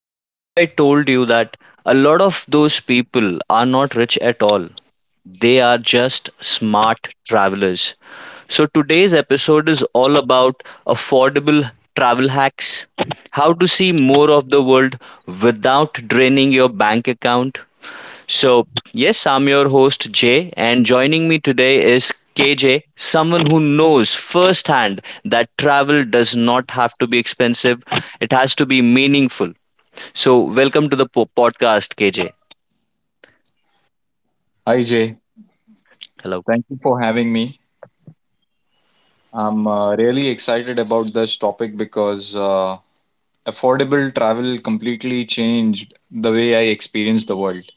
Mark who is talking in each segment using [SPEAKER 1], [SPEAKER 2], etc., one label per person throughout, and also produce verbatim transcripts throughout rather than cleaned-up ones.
[SPEAKER 1] But what if I told you that a lot of those people are not rich at all? They are just smart travelers. So today's episode is all about affordable travel hacks, how to see more of the world without draining your bank account, so, yes, I'm your host Jay, and joining me today is K J, someone who knows firsthand that travel does not have to be expensive, it has to be meaningful. So, welcome to the po- podcast, K J.
[SPEAKER 2] Hi Jay,
[SPEAKER 1] Hello.
[SPEAKER 2] thank you for having me. I'm uh, really excited about this topic because uh, affordable travel completely changed the way I experience the world.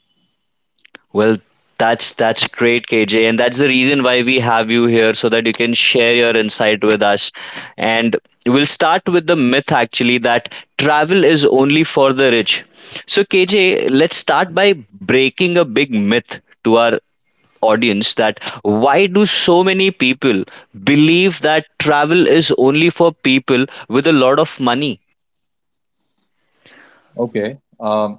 [SPEAKER 1] Well, that's that's great, K J, and that's the reason why we have you here so that you can share your insight with us. And we'll start with the myth actually that travel is only for the rich. So, K J, let's start by breaking a big myth to our audience that why do so many people believe that travel is only for people with a lot of money?
[SPEAKER 2] Okay. Um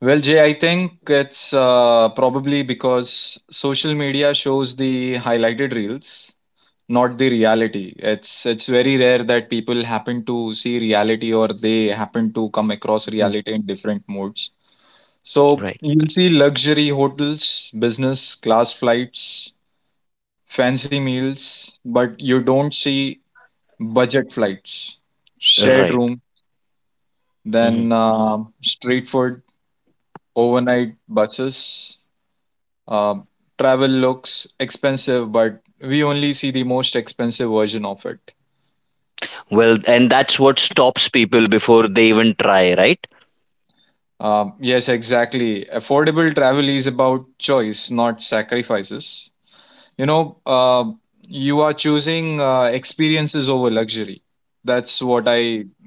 [SPEAKER 2] Well, Jay, I think it's uh, probably because social media shows the highlighted reels, not the reality. It's it's very rare that people happen to see reality or they happen to come across
[SPEAKER 1] Mhm.
[SPEAKER 2] reality in different modes. So
[SPEAKER 1] Right.
[SPEAKER 2] you'll see luxury hotels, business class flights, fancy meals, but you don't see budget flights, shared
[SPEAKER 1] Right.
[SPEAKER 2] room,
[SPEAKER 1] Mhm.
[SPEAKER 2] then uh, street food, overnight buses. Uh, Travel looks expensive, but we only see the most expensive version of it.
[SPEAKER 1] Well, and that's what stops people before they even try, right?
[SPEAKER 2] Um, yes, exactly. Affordable travel is about choice, not sacrifices. You know uh, you are choosing uh, experiences over luxury. that's what i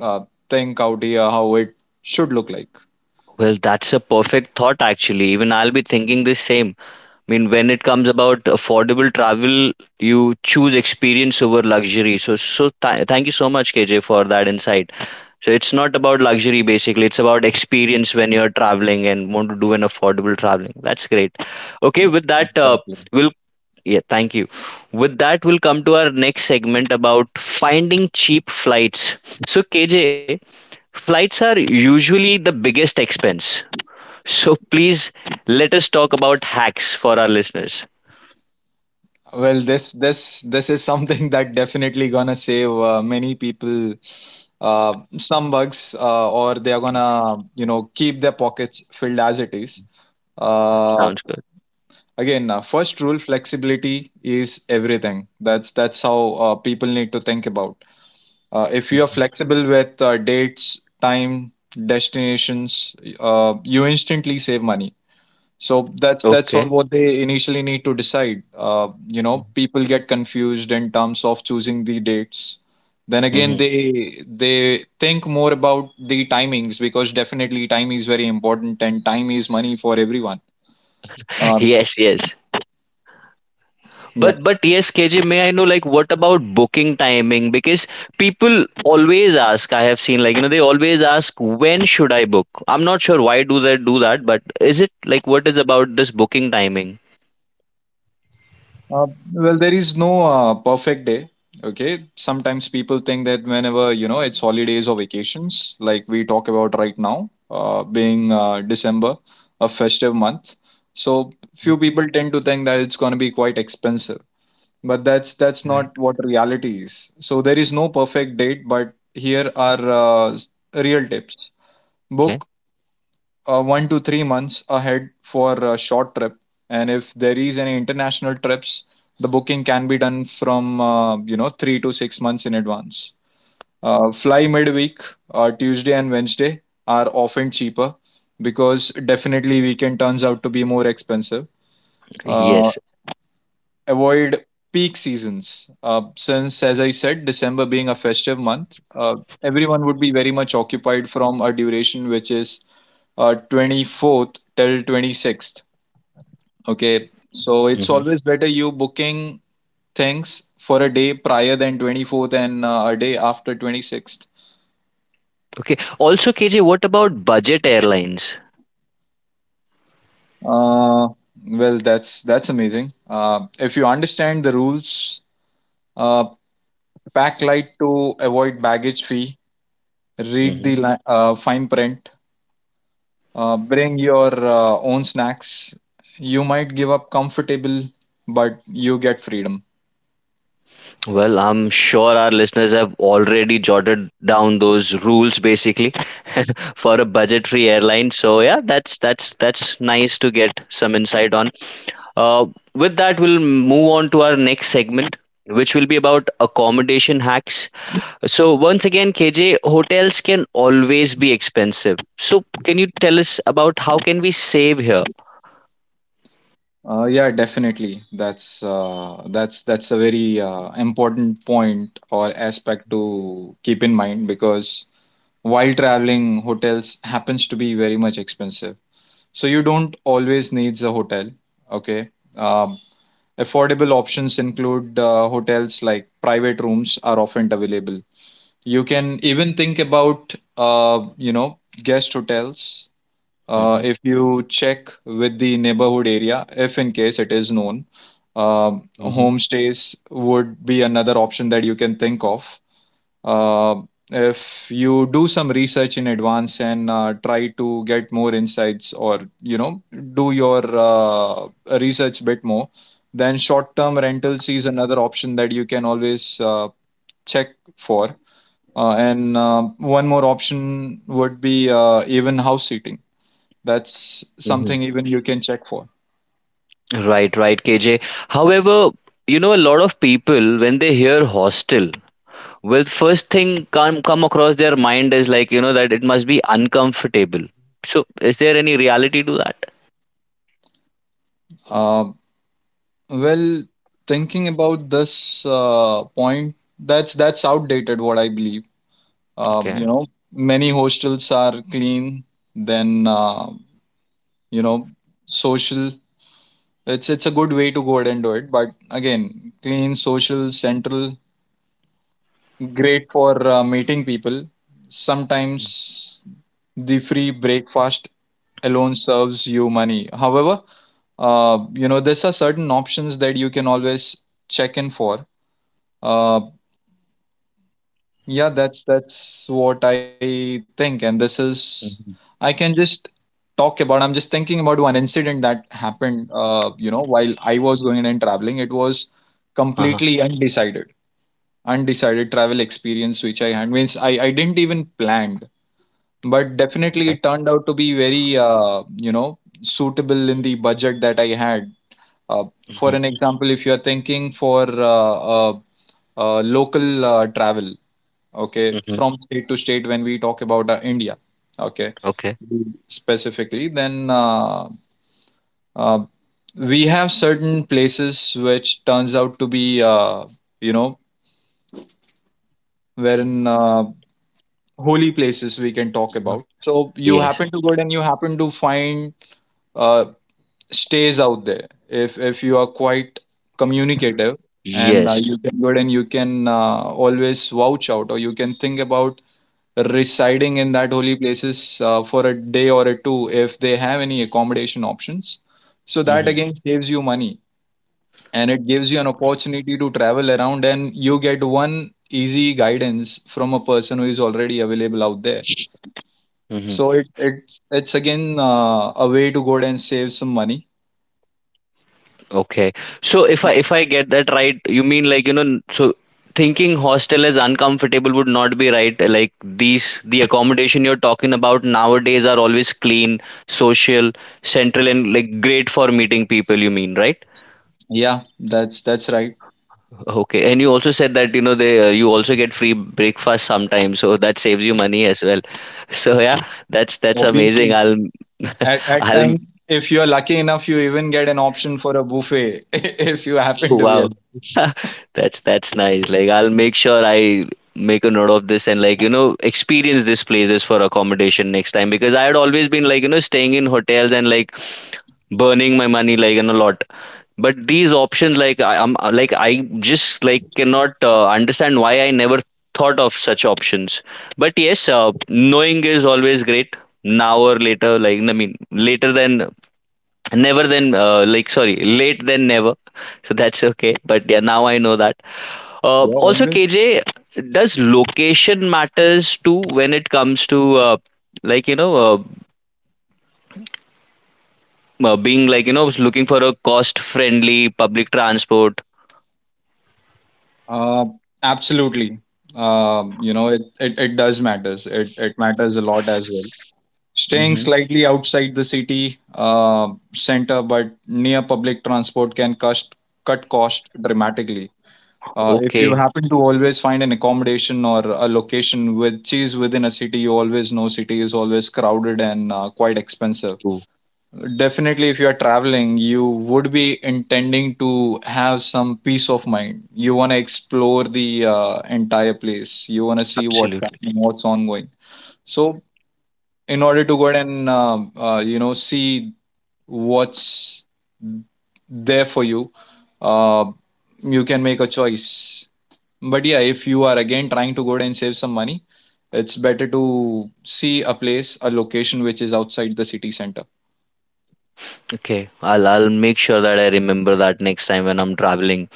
[SPEAKER 2] uh, think out here how it should look like.
[SPEAKER 1] Well, that's a perfect thought, actually. Even I'll be thinking the same. I mean, when it comes about affordable travel, you choose experience over luxury. So, so th- thank you so much, K J, for that insight. So, it's not about luxury basically, it's about experience when you're traveling and want to do an affordable traveling. That's great. Okay, with that, uh,
[SPEAKER 2] Exactly.
[SPEAKER 1] we'll yeah, thank you. With that, we'll come to our next segment about finding cheap flights. So, K J, flights are usually the biggest expense, so please let us talk about hacks for our listeners.
[SPEAKER 2] Well, this this this is something that definitely gonna save uh, many people uh, some bugs uh, or they are gonna you know keep their pockets filled as it is. uh,
[SPEAKER 1] Sounds good.
[SPEAKER 2] again uh, first rule, flexibility is everything. That's that's how uh, people need to think about. Uh, if you are
[SPEAKER 1] Mhm.
[SPEAKER 2] flexible with uh, dates, time, destinations, uh, you instantly save money. So that's that's all
[SPEAKER 1] Okay.
[SPEAKER 2] what they initially need to decide. Uh, you know, people get confused in terms of choosing the dates. Then again,
[SPEAKER 1] Mm-hmm.
[SPEAKER 2] they they think more about the timings because definitely time is very important and time is money for everyone. Uh,
[SPEAKER 1] Yes, yes. But but yes, K J, may I know like what about booking timing? Because people always ask, I have seen like, you know, they always ask when should I book? I'm not sure why do they do that, but is it like what is about this booking timing?
[SPEAKER 2] Uh, well, there is no uh, perfect day. Okay. Sometimes people think that whenever, you know, it's holidays or vacations, like we talk about right now, uh, being uh, December, a festive month. So
[SPEAKER 1] Mm.
[SPEAKER 2] few people tend to think that it's going to be quite expensive, but that's that's
[SPEAKER 1] Right.
[SPEAKER 2] not what reality is. So there is no perfect date, but here are uh, s- real tips.
[SPEAKER 1] Okay.
[SPEAKER 2] Book uh, one to three months ahead for a short trip, and if there is any international trips, the booking can be done from uh, you know three to six months in advance. Uh, fly midweek. Uh, tuesday and Wednesday are often cheaper because definitely weekend turns out to be more expensive. uh,
[SPEAKER 1] Yes.
[SPEAKER 2] Avoid peak seasons uh, since as I said December being a festive month, uh, everyone would be very much occupied from a duration which is uh, twenty-fourth till twenty-sixth. Okay, so it's
[SPEAKER 1] Mm-hmm.
[SPEAKER 2] always better you booking things for a day prior than twenty-fourth and uh, a day after twenty-sixth.
[SPEAKER 1] Okay. Also, K J, what about budget airlines?
[SPEAKER 2] uh, well, that's that's amazing uh, if you understand the rules. uh, Pack light to avoid baggage fee. Read the li- uh, fine print. Uh, bring your uh, own snacks. You might give up comfortable, but you get freedom.
[SPEAKER 1] Well, I'm sure our listeners have already jotted down those rules basically for a budgetary airline. So yeah, that's that's that's nice to get some insight on. Uh, with that, we'll move on to our next segment, which will be about accommodation hacks. So once again, K J, hotels can always be expensive. So can you tell us about how can we save here?
[SPEAKER 2] Uh, yeah, definitely. That's uh, that's that's a very uh, important point or aspect to keep in mind because while traveling, hotels happens to be very much expensive. So you don't always needs a hotel. Okay. Um, affordable options include uh, hotels like private rooms are often available. You can even think about uh, you know guest hotels uh,
[SPEAKER 1] Hmm.
[SPEAKER 2] if you check with the neighborhood area, if in case it is known. Um,
[SPEAKER 1] Hmm.
[SPEAKER 2] homestays would be another option that you can think of. Uh, if you do some research in advance and uh, try to get more insights or you know do your uh, research bit more, then short-term rentals is another option that you can always uh, check for. Uh, and uh, one more option would be uh, even house sitting. That's
[SPEAKER 1] Hmm.
[SPEAKER 2] something even you can check for.
[SPEAKER 1] Right, right, K J. However, you know, a lot of people when they hear hostel, well, first thing come come across their mind is like, you know, that it must be uncomfortable. So is there any reality to that?
[SPEAKER 2] Uh, well, thinking about this uh, point, that's that's outdated. What I believe, um,
[SPEAKER 1] Okay.
[SPEAKER 2] you know, many hostels are clean. Then uh, you know, social. It's it's a good way to go ahead and do it. But again, clean, social, central, great for uh, meeting people. Sometimes the free breakfast alone serves you money. However, uh, you know there's a certain options that you can always check in for. uh, yeah, that's that's what i think, and this is
[SPEAKER 1] Mm-hmm.
[SPEAKER 2] I can just talk about. I'm just thinking about one incident that happened uh, you know while I was going and traveling. It was
[SPEAKER 1] Uh-huh.
[SPEAKER 2] completely undecided. Undecided travel experience which I had, means i, I didn't even planned, but definitely
[SPEAKER 1] Okay.
[SPEAKER 2] it turned out to be very uh, you know suitable in the budget that I had. Uh, for
[SPEAKER 1] Mhm.
[SPEAKER 2] an example, if you are thinking for uh, uh, uh, local uh, travel, okay,
[SPEAKER 1] Mm-hmm.
[SPEAKER 2] from state to state, when we talk about uh, India, okay,
[SPEAKER 1] Hmm. Okay.
[SPEAKER 2] specifically, then uh, uh, we have certain places which turns out to be, uh, you know, wherein uh, holy places we can talk
[SPEAKER 1] Mhm.
[SPEAKER 2] about. So you
[SPEAKER 1] Yes.
[SPEAKER 2] happen to go and you happen to find uh, stays out there if if you are quite communicative, and uh,
[SPEAKER 1] Yes.
[SPEAKER 2] you can good and you can uh, always vouch out or you can think about residing in that holy places uh, for a day or a two if they have any accommodation options, so that
[SPEAKER 1] Hmm.
[SPEAKER 2] again saves you money, and it gives you an opportunity to travel around and you get one easy guidance from a person who is already available out there.
[SPEAKER 1] Hmm.
[SPEAKER 2] So it, it's it's again uh, a way to go and save some money.
[SPEAKER 1] Okay. So if I if I get that right, you mean like, you know, n- so thinking hostel as uncomfortable would not be right. Like these the accommodation you're talking about nowadays are always clean, social, central, and like great for meeting people, you mean, right?
[SPEAKER 2] Yeah, that's that's right.
[SPEAKER 1] Okay, and you also said that you know they uh, you also get free breakfast sometimes, so that saves you money as well. So yeah, that's that's amazing.
[SPEAKER 2] Obviously,
[SPEAKER 1] I'll
[SPEAKER 2] at at
[SPEAKER 1] I'll,
[SPEAKER 2] times, if you're lucky enough, you even get an option for a buffet if you happen
[SPEAKER 1] oh,
[SPEAKER 2] to be a
[SPEAKER 1] wow, that's that's nice. Like I'll make sure I make a note of this and like you know experience these places for accommodation next time, because I had always been like you know staying in hotels and like burning my money like in a lot, but these options, like I, i'm like I just like cannot uh, understand why I never thought of such options. But yes, uh, knowing is always great now or later, like I mean later than never, than uh, like, sorry, late than never. So that's okay, but yeah, now I know that. Uh,
[SPEAKER 2] yeah,
[SPEAKER 1] also,
[SPEAKER 2] always.
[SPEAKER 1] KJ, does location matters too when it comes to uh, like you know uh, uh, being like you know looking for a cost friendly public transport?
[SPEAKER 2] Uh, absolutely. Um, you know, it, it, it does matters. It it matters a lot as well. Staying
[SPEAKER 1] Hmm.
[SPEAKER 2] slightly outside the city uh, center, but near public transport can cost cut cost dramatically. Uh, if you
[SPEAKER 1] Okay.
[SPEAKER 2] happen to always find an accommodation or a location which is within a city, you always know city is always crowded and uh, quite expensive. Definitely, if you are traveling, you would be intending to have some peace of mind. You want to explore the uh, entire place. You want to see what's
[SPEAKER 1] Absolutely.
[SPEAKER 2] happening, what's ongoing. So, in order to go ahead and um uh, you know see what's there for you, uh, you can make a choice. But yeah, if you are again trying to go ahead and save some money, it's better to see a place, a location which is outside the city center.
[SPEAKER 1] Okay, I'll I'll make sure that I remember that next time when I'm traveling.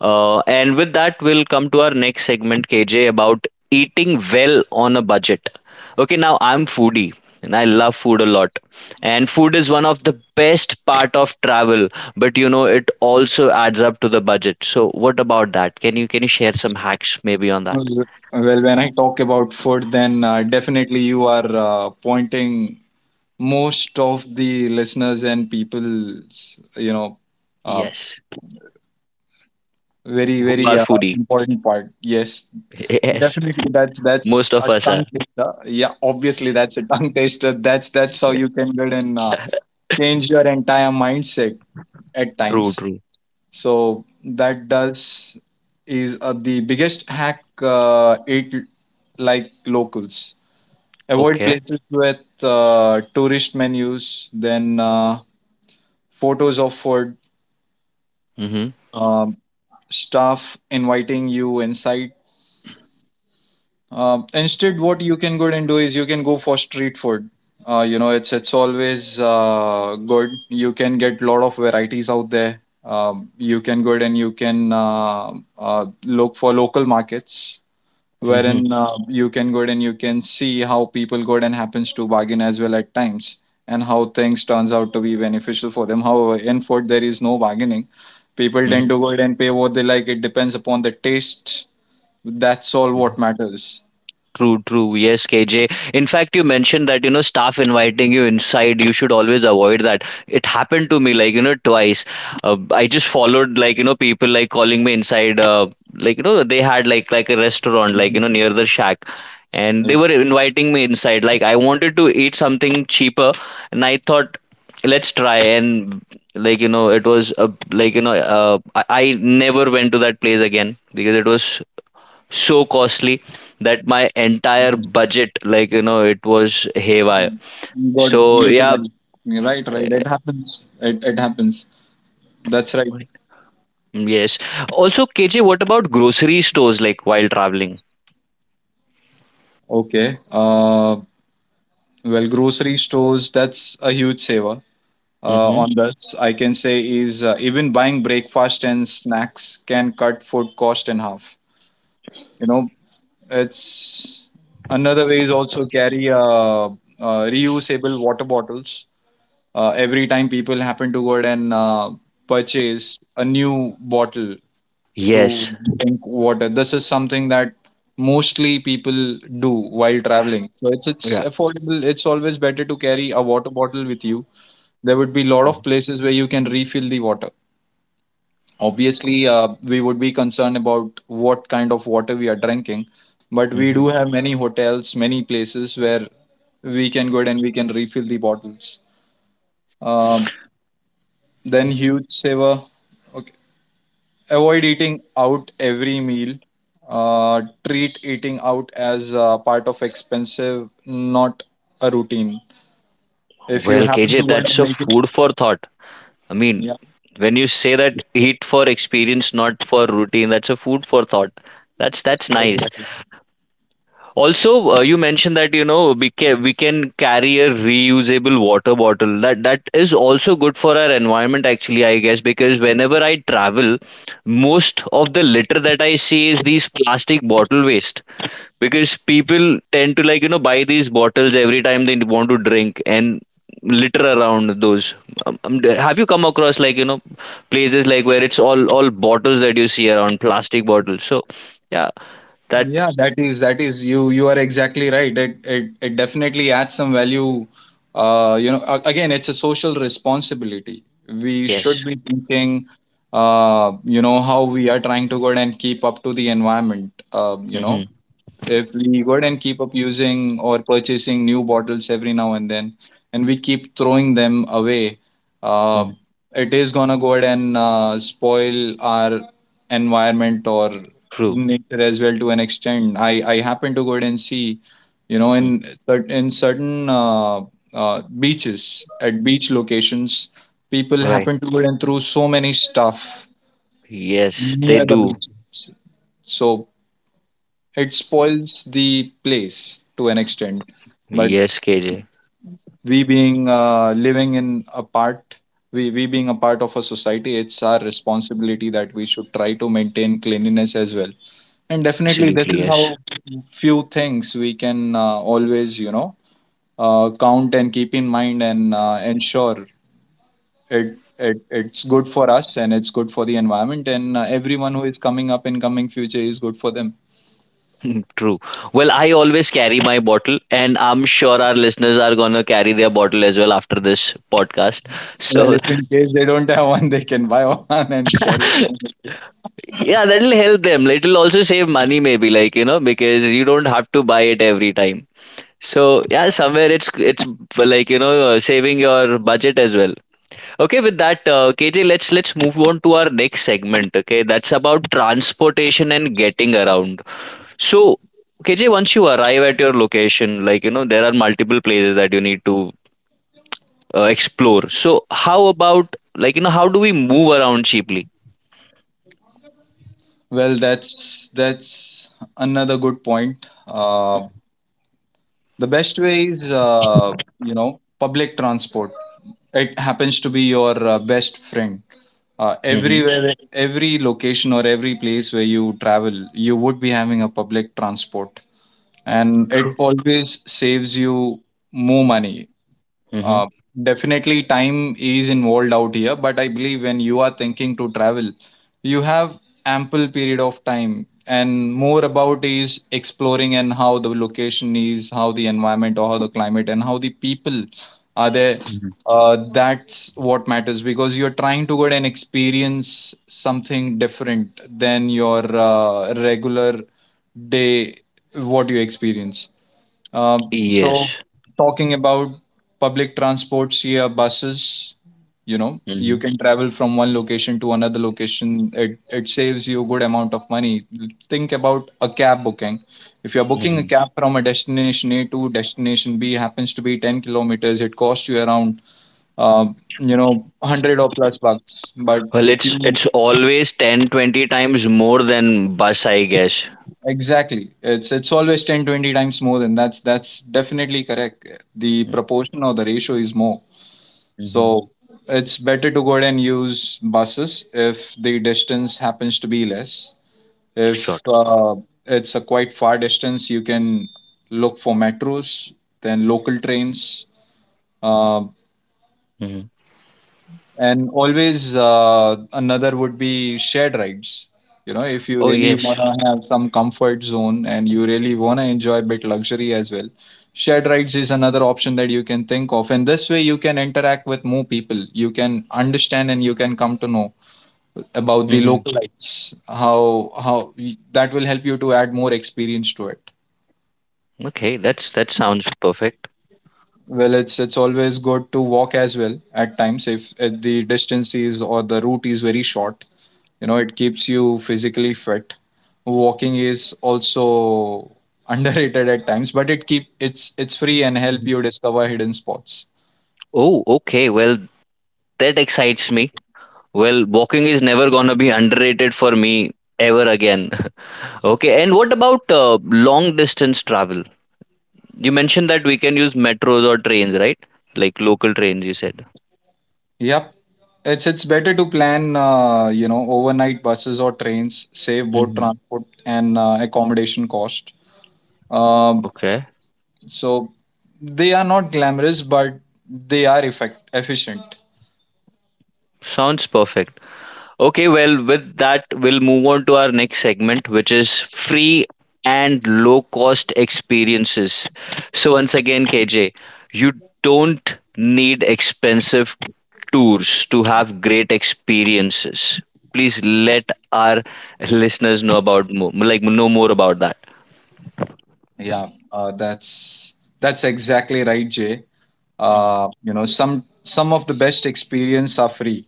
[SPEAKER 1] Uh, and with that, we'll come to our next segment, K J, about eating well on a budget. Okay, now I'm foodie and I love food a lot. And food is one of the best part of travel, but you know it also adds up to the budget. So what about that? Can you can you share some hacks maybe on that?
[SPEAKER 2] Well, well, when I talk about food, then uh, definitely you are uh, pointing most of the listeners and people's, you know, uh,
[SPEAKER 1] Yes.
[SPEAKER 2] very,
[SPEAKER 1] Who
[SPEAKER 2] very
[SPEAKER 1] are
[SPEAKER 2] uh,
[SPEAKER 1] foodie?
[SPEAKER 2] important part. Yes,
[SPEAKER 1] Yes.
[SPEAKER 2] definitely that's that's
[SPEAKER 1] Most
[SPEAKER 2] a
[SPEAKER 1] of us
[SPEAKER 2] tongue
[SPEAKER 1] are.
[SPEAKER 2] taster. Yeah, obviously that's a tongue taster. That's that's how you can get and uh, change your entire mindset at
[SPEAKER 1] True,
[SPEAKER 2] times.
[SPEAKER 1] true.
[SPEAKER 2] So that does is uh, the biggest hack uh, it like locals. Avoid
[SPEAKER 1] Okay.
[SPEAKER 2] places with uh, tourist menus, then uh, photos of food,
[SPEAKER 1] Mm-hmm.
[SPEAKER 2] um, staff inviting you inside. Um, instead, what you can go and do is you can go for street food. Uh, you know, it's it's always uh, good. You can get lot of varieties out there. Um, you can go and you can uh, uh, look for local markets
[SPEAKER 1] Mm-hmm.
[SPEAKER 2] wherein uh, you can go ahead and you can see how people go ahead and happens to bargain as well at times and how things turns out to be beneficial for them. However, in food there is no bargaining. People tend to go ahead and pay what they like. It depends upon the taste. That's all what matters.
[SPEAKER 1] True, true. Yes, K J. In fact, you mentioned that, you know, staff inviting you inside, you should always avoid that. It happened to me, like, you know, twice. Uh, I just followed, like, you know, people like calling me inside. Uh, like, you know, they had like like a restaurant, like, you
[SPEAKER 2] Mhm.
[SPEAKER 1] know, near the shack, and they
[SPEAKER 2] Yeah,
[SPEAKER 1] were inviting me inside. Like, I wanted to eat something cheaper, and I thought, let's try. And like, you know, it was a like, you know, uh, I, I never went to that place again because it was so costly that my entire budget, like you know it was haywire. So yeah.
[SPEAKER 2] you're right, right, it happens. It, it happens. That's right.
[SPEAKER 1] Yes. Also, KJ, what about grocery stores like while traveling?
[SPEAKER 2] Okay. uh well, grocery stores, that's a huge saver. Uh,
[SPEAKER 1] Mm-hmm.
[SPEAKER 2] on this I can say is uh, even buying breakfast and snacks can cut food cost in half. You know, it's another way is also carry uh, uh, reusable water bottles. Uh, every time people happen to go out and uh, purchase a new bottle to
[SPEAKER 1] Yes.
[SPEAKER 2] drink water, this is something that mostly people do while traveling. So it's it's affordable. It's always better to carry a water bottle with you. There would be a lot of
[SPEAKER 1] Hmm.
[SPEAKER 2] places where you can refill the water. Obviously, uh, we would be concerned about what kind of water we are drinking, but we do have many hotels, many places where we can go ahead and we can refill the bottles. Um, then huge saver. Okay. Avoid eating out every meal. Uh, treat eating out as uh, part of expensive, not a routine. If you
[SPEAKER 1] Well,
[SPEAKER 2] happen
[SPEAKER 1] K J,
[SPEAKER 2] to go ahead
[SPEAKER 1] that's
[SPEAKER 2] and
[SPEAKER 1] a
[SPEAKER 2] make it,
[SPEAKER 1] food for thought. I mean,
[SPEAKER 2] yeah,
[SPEAKER 1] when you say that eat for experience, not for routine, that's a food for thought. That's that's nice.
[SPEAKER 2] exactly.
[SPEAKER 1] Also, uh, you mentioned that you know we can we can carry a reusable water bottle. That that is also good for our environment, actually, I guess, because whenever I travel, most of the litter that I see is these plastic bottle waste. Because people tend to like you know buy these bottles every time they want to drink and litter around those. Um, um, d- have you come across like you know places like where it's all all bottles that you see around plastic bottles? So yeah, that.
[SPEAKER 2] Yeah, that is that is you you are exactly right. It it, it definitely adds some value. Uh, you know, a- again, it's a social responsibility. We should
[SPEAKER 1] Yes.
[SPEAKER 2] be thinking, uh, you know, how we are trying to go and keep up to the environment. Um, you
[SPEAKER 1] Hmm.
[SPEAKER 2] know, if we go ahead and keep up using or purchasing new bottles every now and then and we keep throwing them away, uh, it is gonna go ahead and uh, spoil our environment or
[SPEAKER 1] True.
[SPEAKER 2] nature as well to an extent. I i happen to go ahead and see you know in
[SPEAKER 1] Mhm.
[SPEAKER 2] cer- in certain uh, uh, beaches at beach locations. People
[SPEAKER 1] Right.
[SPEAKER 2] happen to go ahead and throw so many stuff
[SPEAKER 1] Yes, they
[SPEAKER 2] near the
[SPEAKER 1] do.
[SPEAKER 2] beaches, so it spoils the place to an extent. But
[SPEAKER 1] Yes, K J.
[SPEAKER 2] we being uh, living in a part we, we being a part of a society, it's our responsibility that we should try to maintain cleanliness as well. And definitely, this
[SPEAKER 1] Absolutely,
[SPEAKER 2] is
[SPEAKER 1] yes.
[SPEAKER 2] how few things we can uh, always you know uh, count and keep in mind and uh, ensure it, it it's good for us and it's good for the environment, and uh, everyone who is coming up in coming future is good for them.
[SPEAKER 1] True. Well, I always carry my bottle, and I'm sure our listeners are gonna carry their bottle as well after this podcast.
[SPEAKER 2] Well,
[SPEAKER 1] So,
[SPEAKER 2] if in case they don't have one, they can buy one and carry along.
[SPEAKER 1] yeah, that'll help them. It'll also save money, maybe, like, you know, because you don't have to buy it every time. So, yeah, somewhere it's it's like, you know, saving your budget as well. Okay, with that, uh, K J, let's let's move on to our next segment. Okay, that's about transportation and getting around. So, K J, once you arrive at your location, like you know, there are multiple places that you need to uh, explore. So, how about like you know, how do we move around cheaply?
[SPEAKER 2] Well, that's that's another good point. Uh, the best way is uh, you know public transport. It happens to be your uh, best friend. Uh,
[SPEAKER 1] Hmm.
[SPEAKER 2] everywhere, every location or every place where you travel, you would be having a public transport, and it
[SPEAKER 1] True.
[SPEAKER 2] always saves you more money.
[SPEAKER 1] Hmm.
[SPEAKER 2] Uh, Definitely, time is involved out here, but I believe when you are thinking to travel, you have ample period of time, and more about is exploring and how the location is, how the environment, or how the climate and how the people are there.
[SPEAKER 1] Hmm.
[SPEAKER 2] Uh, that's what matters, because you're trying to go and experience something different than your uh, regular day, what you experience. Um, so,
[SPEAKER 1] Yes.
[SPEAKER 2] talking about public transports here, buses, you know, you
[SPEAKER 1] Hmm.
[SPEAKER 2] can travel from one location to another location. It, it saves you a good amount of money. Think about a cab booking. If you're booking a
[SPEAKER 1] Hmm.
[SPEAKER 2] cab from a destination A to destination B, happens to be 10 kilometers, it costs you around, uh, you know, one hundred or plus bucks. But
[SPEAKER 1] Well,
[SPEAKER 2] if
[SPEAKER 1] it's
[SPEAKER 2] you
[SPEAKER 1] it's always ten, twenty times more than bus, I guess.
[SPEAKER 2] Exactly. It's it's always ten twenty times more than that's that's definitely correct. The proportion or the ratio is more.
[SPEAKER 1] Mm-hmm.
[SPEAKER 2] So, it's better to go ahead and use buses if the distance happens to be less. If
[SPEAKER 1] Short.
[SPEAKER 2] uh, it's a quite far distance, you can look for metros, then local trains. Uh,
[SPEAKER 1] Hmm.
[SPEAKER 2] and always, uh, another would be shared rides. You know if you
[SPEAKER 1] Oh
[SPEAKER 2] really want
[SPEAKER 1] yes.
[SPEAKER 2] to have some comfort zone and you really want to enjoy a bit luxury as well, shared rides is another option that you can think of, and this way you can interact with more people, you can understand and you can come to know about the localites, how how that will help you to add more experience to it.
[SPEAKER 1] Okay, that's that sounds perfect.
[SPEAKER 2] Well, it's it's always good to walk as well at times, if, if the distance is or the route is very short. You know it keeps you physically fit. Walking is also underrated at times, but it keep it's it's free and help
[SPEAKER 1] Mhm.
[SPEAKER 2] you discover hidden spots.
[SPEAKER 1] Oh, okay. Well, that excites me. Well, walking is never gonna be underrated for me ever again. Okay, and what about uh, long distance travel? You mentioned that we can use metros or trains, right? Like local trains, you said.
[SPEAKER 2] Yep, it's it's better to plan uh, you know overnight buses or trains, save both
[SPEAKER 1] Hmm.
[SPEAKER 2] transport and uh, accommodation cost. um,
[SPEAKER 1] Okay,
[SPEAKER 2] so they are not glamorous, but they are effect efficient.
[SPEAKER 1] sounds perfect. Okay, well, with that, we'll move on to our next segment, which is free and low cost experiences. So, once again, K J, you don't need expensive tours to have great experiences. Please let our listeners know about more, like know more about that.
[SPEAKER 2] Yeah, uh, that's that's exactly right, Jay.
[SPEAKER 1] Mm-hmm.
[SPEAKER 2] Uh, you know some some of the best experience are free.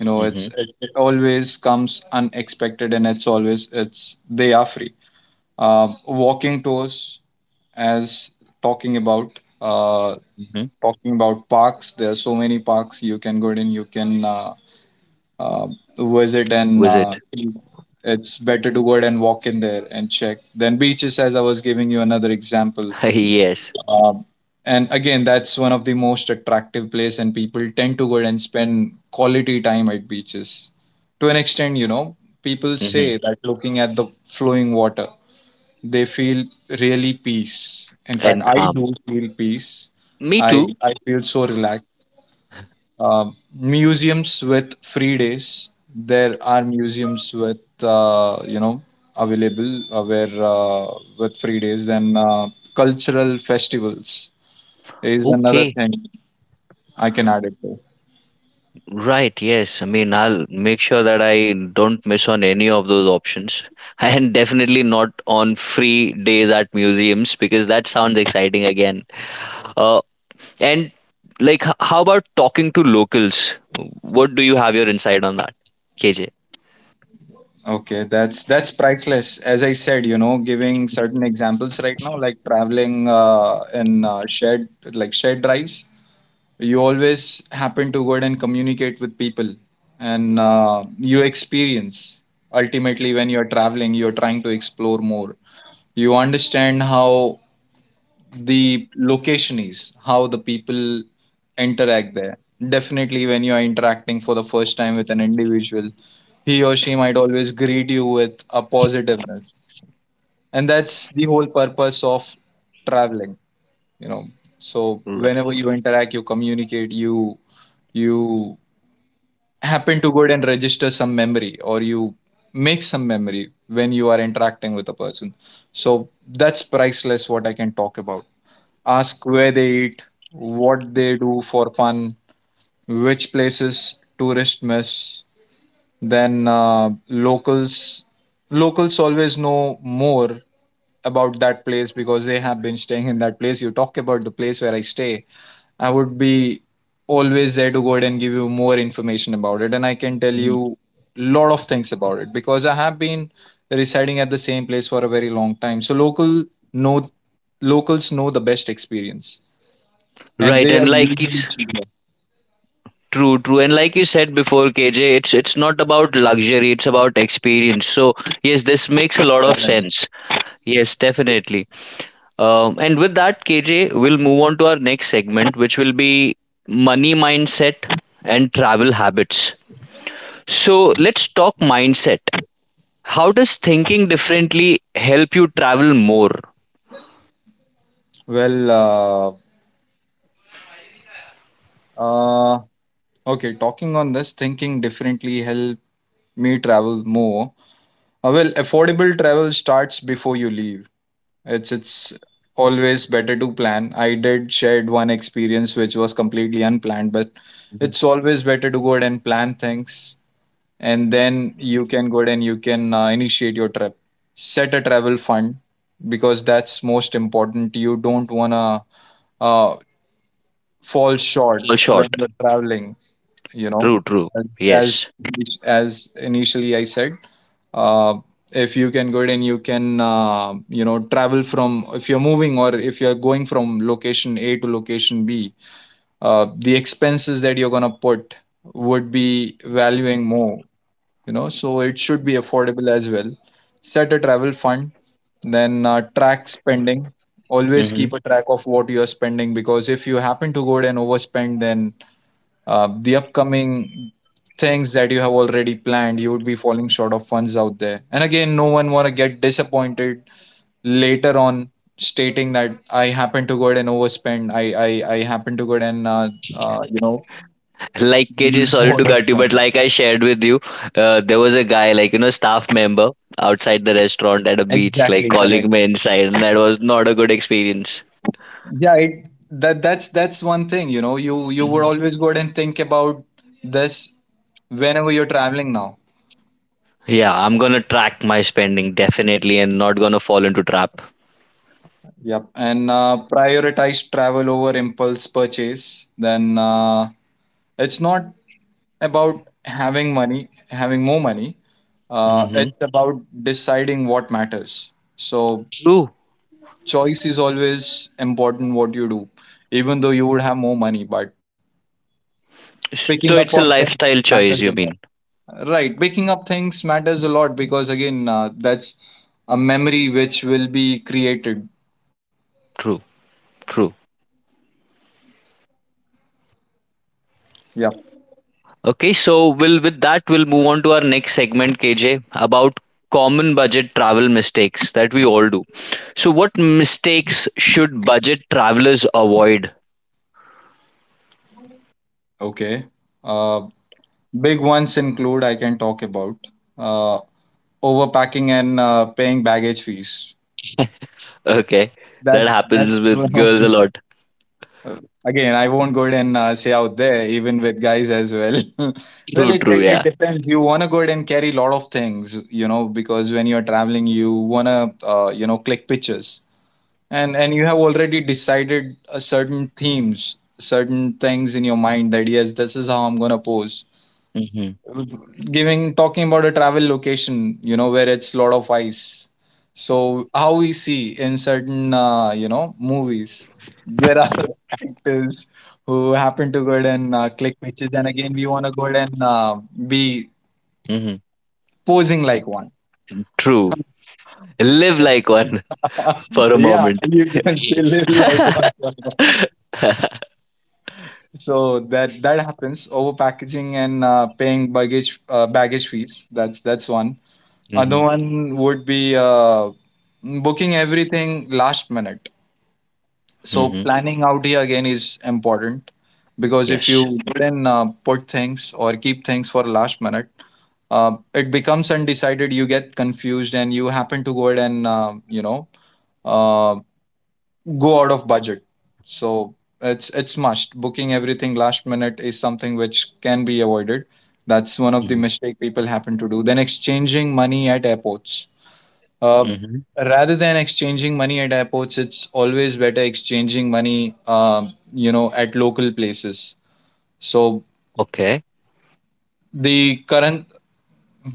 [SPEAKER 2] you know it's
[SPEAKER 1] Mm-hmm.
[SPEAKER 2] it, it always comes unexpected, and it's always it's they are free. Uh, walking tours, as talking about uh,
[SPEAKER 1] Hmm.
[SPEAKER 2] talking about parks, there are so many parks you can go in, you can uh, uh, visit and
[SPEAKER 1] Visit.
[SPEAKER 2] uh, see. It's better to go ahead and walk in there and check. Then beaches, as I was giving you another example.
[SPEAKER 1] Yes.
[SPEAKER 2] Um, and again, that's one of the most attractive place, and people tend to go and spend quality time at beaches. To an extent, you know, people say
[SPEAKER 1] Mm-hmm.
[SPEAKER 2] that looking at the flowing water, they feel really peace. In fact,
[SPEAKER 1] And
[SPEAKER 2] I
[SPEAKER 1] calm.
[SPEAKER 2] do feel peace.
[SPEAKER 1] Me
[SPEAKER 2] I
[SPEAKER 1] too.
[SPEAKER 2] I feel so relaxed. Um, museums with free days. There are museums with uh, you know available uh, where uh, with free days and uh, cultural festivals is another
[SPEAKER 1] Okay.
[SPEAKER 2] thing I can add it to.
[SPEAKER 1] Right, yes. I mean, I'll make sure that I don't miss on any of those options. And definitely not on free days at museums because that sounds exciting again. Uh, and like, h- how about talking to locals? What do you have your insight on that, K J?
[SPEAKER 2] Okay, that's that's priceless. As I said, you know, giving certain examples right now, like traveling uh, in uh, shared like shared drives, you always happen to go ahead and communicate with people, and uh, you experience ultimately when you're traveling, you're trying to explore more. You understand how the location is, how the people interact there. Definitely, when you are interacting for the first time with an individual, he or she might always greet you with a positiveness. And that's the whole purpose of traveling, you know. So,
[SPEAKER 1] Right.
[SPEAKER 2] whenever you interact, you communicate, you you happen to go and register some memory, or you make some memory when you are interacting with a person. So, that's priceless, what I can talk about. Ask where they eat, what they do for fun, which places tourists miss. Then uh, locals locals always know more about that place, because they have been staying in that place. You talk about the place where I stay. I would be always there to go ahead and give you more information about it, and I can tell
[SPEAKER 1] Mhm.
[SPEAKER 2] you lot of things about it, because I have been residing at the same place for a very long time. So, local know locals know the best experience, and
[SPEAKER 1] Right,
[SPEAKER 2] they
[SPEAKER 1] and
[SPEAKER 2] are
[SPEAKER 1] like
[SPEAKER 2] usually
[SPEAKER 1] it's
[SPEAKER 2] cheaper.
[SPEAKER 1] true, true. And like you said before, K J, it's it's not about luxury, it's about experience. So yes, this makes a lot of
[SPEAKER 2] Correct.
[SPEAKER 1] sense. Yes, definitely. Um, and with that, K J, we'll move on to our next segment, which will be money mindset and travel habits. So let's talk mindset. How does thinking differently help you travel more?
[SPEAKER 2] Well, uh, uh, okay, talking on this, thinking differently help me travel more. Uh, well, affordable travel starts before you leave. It's it's always better to plan. I did shared one experience which was completely unplanned, but
[SPEAKER 1] Mhm.
[SPEAKER 2] it's always better to go ahead and plan things, and then you can go ahead and you can uh, initiate your trip. Set a travel fund, because that's most important. You don't wanna uh, fall
[SPEAKER 1] All
[SPEAKER 2] short when
[SPEAKER 1] short.
[SPEAKER 2] you're traveling, you know
[SPEAKER 1] True, true.
[SPEAKER 2] as
[SPEAKER 1] Yes.
[SPEAKER 2] as, as initially I said, uh, if you can go it and you can uh, you know travel from if you're moving, or if you're going from location a to location b, uh, the expenses that you're going to put would be valuing more, you know so it should be affordable as well. Set a travel fund, then uh, track spending. Always
[SPEAKER 1] Mhm.
[SPEAKER 2] keep a track of what you are spending, because if you happen to go and overspend, then uh, the upcoming things that you have already planned, you would be falling short of funds out there, and again no one want to get disappointed later on, stating that I happen to go ahead and overspend. I i, I happen to go ahead and uh, uh, you know
[SPEAKER 1] Like K J,
[SPEAKER 2] use
[SPEAKER 1] sorry
[SPEAKER 2] more
[SPEAKER 1] to
[SPEAKER 2] of
[SPEAKER 1] cut you, but
[SPEAKER 2] money.
[SPEAKER 1] like I shared with you, uh, there was a guy, like, you know, staff member outside the restaurant at a beach, like
[SPEAKER 2] Exactly correct.
[SPEAKER 1] calling me inside, and that was not a good experience.
[SPEAKER 2] Yeah, it, that that's that's one thing. you know you you would always go ahead and think about this whenever you're traveling now.
[SPEAKER 1] Yeah, I'm gonna track my spending definitely and not gonna fall into trap.
[SPEAKER 2] Yep, and uh, prioritize travel over impulse purchase. Then uh, it's not about having money, having more money. Uh,
[SPEAKER 1] Hmm.
[SPEAKER 2] it's about deciding what matters. So,
[SPEAKER 1] True.
[SPEAKER 2] choice is always important, what you do, even though you would have more money, but
[SPEAKER 1] So
[SPEAKER 2] picking up
[SPEAKER 1] it's a
[SPEAKER 2] on things
[SPEAKER 1] lifestyle choice,
[SPEAKER 2] matters
[SPEAKER 1] you
[SPEAKER 2] a lot.
[SPEAKER 1] mean?
[SPEAKER 2] Right, picking up things matters a lot, because again, uh, that's a memory which will be created.
[SPEAKER 1] True, true.
[SPEAKER 2] Yeah.
[SPEAKER 1] Okay, so we'll with that we'll move on to our next segment, K J, about common budget travel mistakes that we all do. So what mistakes should budget travelers avoid?
[SPEAKER 2] Okay. Uh, Big ones include, I can talk about uh, overpacking and uh, paying baggage fees.
[SPEAKER 1] Okay, that
[SPEAKER 2] That's
[SPEAKER 1] happens
[SPEAKER 2] that's
[SPEAKER 1] with
[SPEAKER 2] one of
[SPEAKER 1] girls a
[SPEAKER 2] the
[SPEAKER 1] lot.
[SPEAKER 2] uh, again. I won't go ahead and uh, say out there, even with guys as well. Well,
[SPEAKER 1] True,
[SPEAKER 2] it,
[SPEAKER 1] true,
[SPEAKER 2] it it
[SPEAKER 1] yeah.
[SPEAKER 2] depends. You wanna go ahead and carry a lot of things, you know, because when you're traveling, you wanna uh, you know click pictures, and and you have already decided a certain themes, certain things in your mind that yes, this is how I'm gonna pose,
[SPEAKER 1] Hmm.
[SPEAKER 2] giving talking about a travel location you know where it's lot of ice. So, how we see in certain uh, you know movies, there are actors who happen to go ahead and uh, click pictures, and again we want to go ahead and uh, be
[SPEAKER 1] Hmm.
[SPEAKER 2] posing like one.
[SPEAKER 1] True. Live like one for a
[SPEAKER 2] Yeah,
[SPEAKER 1] moment.
[SPEAKER 2] you can say,
[SPEAKER 1] Yes.
[SPEAKER 2] live like one. So, that that happens, over packaging and uh, paying baggage uh, baggage fees. That's that's one. Other
[SPEAKER 1] Mhm.
[SPEAKER 2] one would be uh, booking everything last minute. So,
[SPEAKER 1] Mhm.
[SPEAKER 2] planning out here again is important, because if
[SPEAKER 1] Yes.
[SPEAKER 2] you then uh, put things or keep things for last minute, uh, it becomes undecided. You get confused, and you happen to go ahead and uh, you know uh, go out of budget. So, it's it's must, booking everything last minute is something which can be avoided. That's one of the
[SPEAKER 1] Mhm.
[SPEAKER 2] mistake people happen to do. Then, exchanging money at airports, uh,
[SPEAKER 1] Mhm.
[SPEAKER 2] rather than exchanging money at airports, it's always better exchanging money, um, you know, at local places. So,
[SPEAKER 1] Okay.
[SPEAKER 2] the current,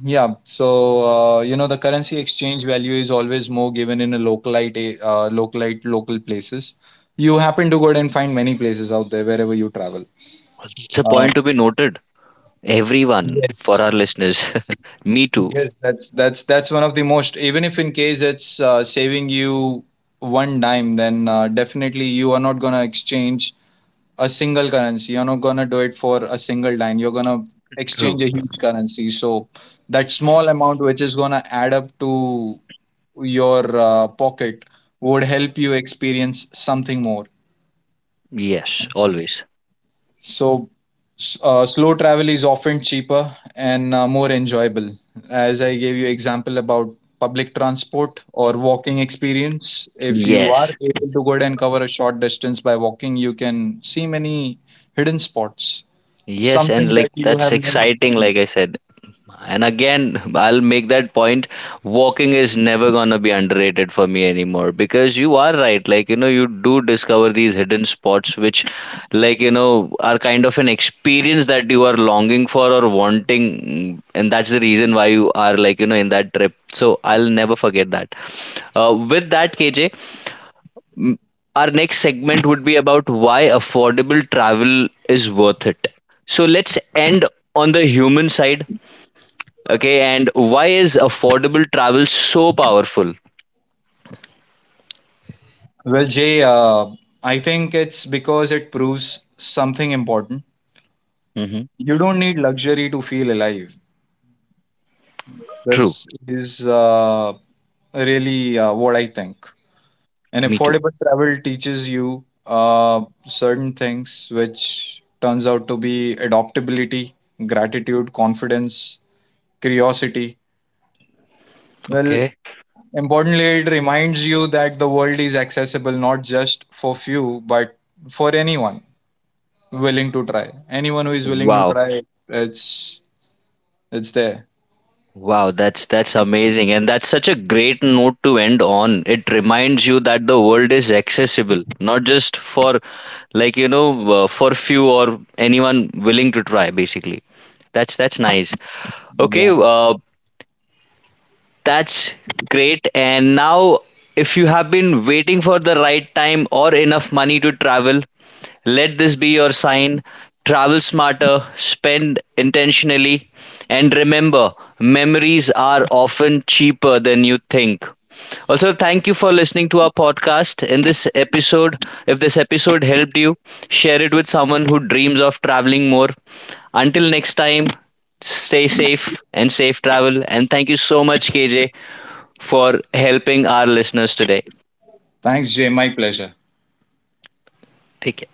[SPEAKER 2] yeah, so uh, you know, the currency exchange value is always more given in a localite, a- uh, localite, local places. You happen to go and find many places out there wherever you travel.
[SPEAKER 1] It's a
[SPEAKER 2] Uh,
[SPEAKER 1] point to be noted. Everyone for
[SPEAKER 2] yes,
[SPEAKER 1] our listeners. Me too.
[SPEAKER 2] yes, that's that's that's one of the most. Even if in case it's uh, saving you one dime, then uh, definitely you are not gonna exchange a single currency. You're not gonna do it for a single dime. You're gonna exchange
[SPEAKER 1] True.
[SPEAKER 2] a huge currency. So, that small amount, which is gonna add up to your uh, pocket, would help you experience something more.
[SPEAKER 1] Yes. Always.
[SPEAKER 2] So, s- uh, slow travel is often cheaper and uh, more enjoyable. As I gave you example about public transport or walking experience, if you are
[SPEAKER 1] Yes.
[SPEAKER 2] able to go ahead and cover a short distance by walking, you can see many hidden spots.
[SPEAKER 1] Yes. And
[SPEAKER 2] Something that
[SPEAKER 1] like
[SPEAKER 2] you
[SPEAKER 1] that's
[SPEAKER 2] have never
[SPEAKER 1] exciting,
[SPEAKER 2] seen?
[SPEAKER 1] like I said. And again, I'll make that point. Walking is never gonna be underrated for me anymore because you are right. Like, you know, you do discover these hidden spots which, like, you know, are kind of an experience that you are longing for or wanting. And that's the reason why you are, like, you know, in that trip. So I'll never forget that. Uh, with that, K J, our next segment would be about why affordable travel is worth it. So let's end on the human side. Okay, and why is affordable travel so powerful?
[SPEAKER 2] Well, Jay, uh, I think it's because it proves something important.
[SPEAKER 1] Mm-hmm.
[SPEAKER 2] You don't need luxury to feel alive.
[SPEAKER 1] True,
[SPEAKER 2] This is uh, really uh, what I think. And
[SPEAKER 1] me too.
[SPEAKER 2] affordable travel teaches you uh, certain things, which turns out to be adaptability, gratitude, confidence, curiosity. Well,
[SPEAKER 1] Okay.
[SPEAKER 2] importantly, it reminds you that the world is accessible, not just for few, but for anyone. Willing to try. Anyone who is willing to
[SPEAKER 1] Wow.
[SPEAKER 2] try, it's it's there.
[SPEAKER 1] Wow, that's that's amazing, and that's such a great note to end on. It reminds you that the world is accessible, not just for like you know uh, for few, or anyone willing to try basically. That's that's nice. Okay,
[SPEAKER 2] Yeah.
[SPEAKER 1] uh, that's great. And now if you have been waiting for the right time or enough money to travel, let this be your sign. Travel smarter, spend intentionally, and remember memories are often cheaper than you think. Also, thank you for listening to our podcast. In this episode, if this episode helped you, share it with someone who dreams of traveling more. Until next time, stay safe and safe travel. And thank you so much, K J, for helping our listeners today.
[SPEAKER 2] Thanks, Jay. My pleasure.
[SPEAKER 1] Take care.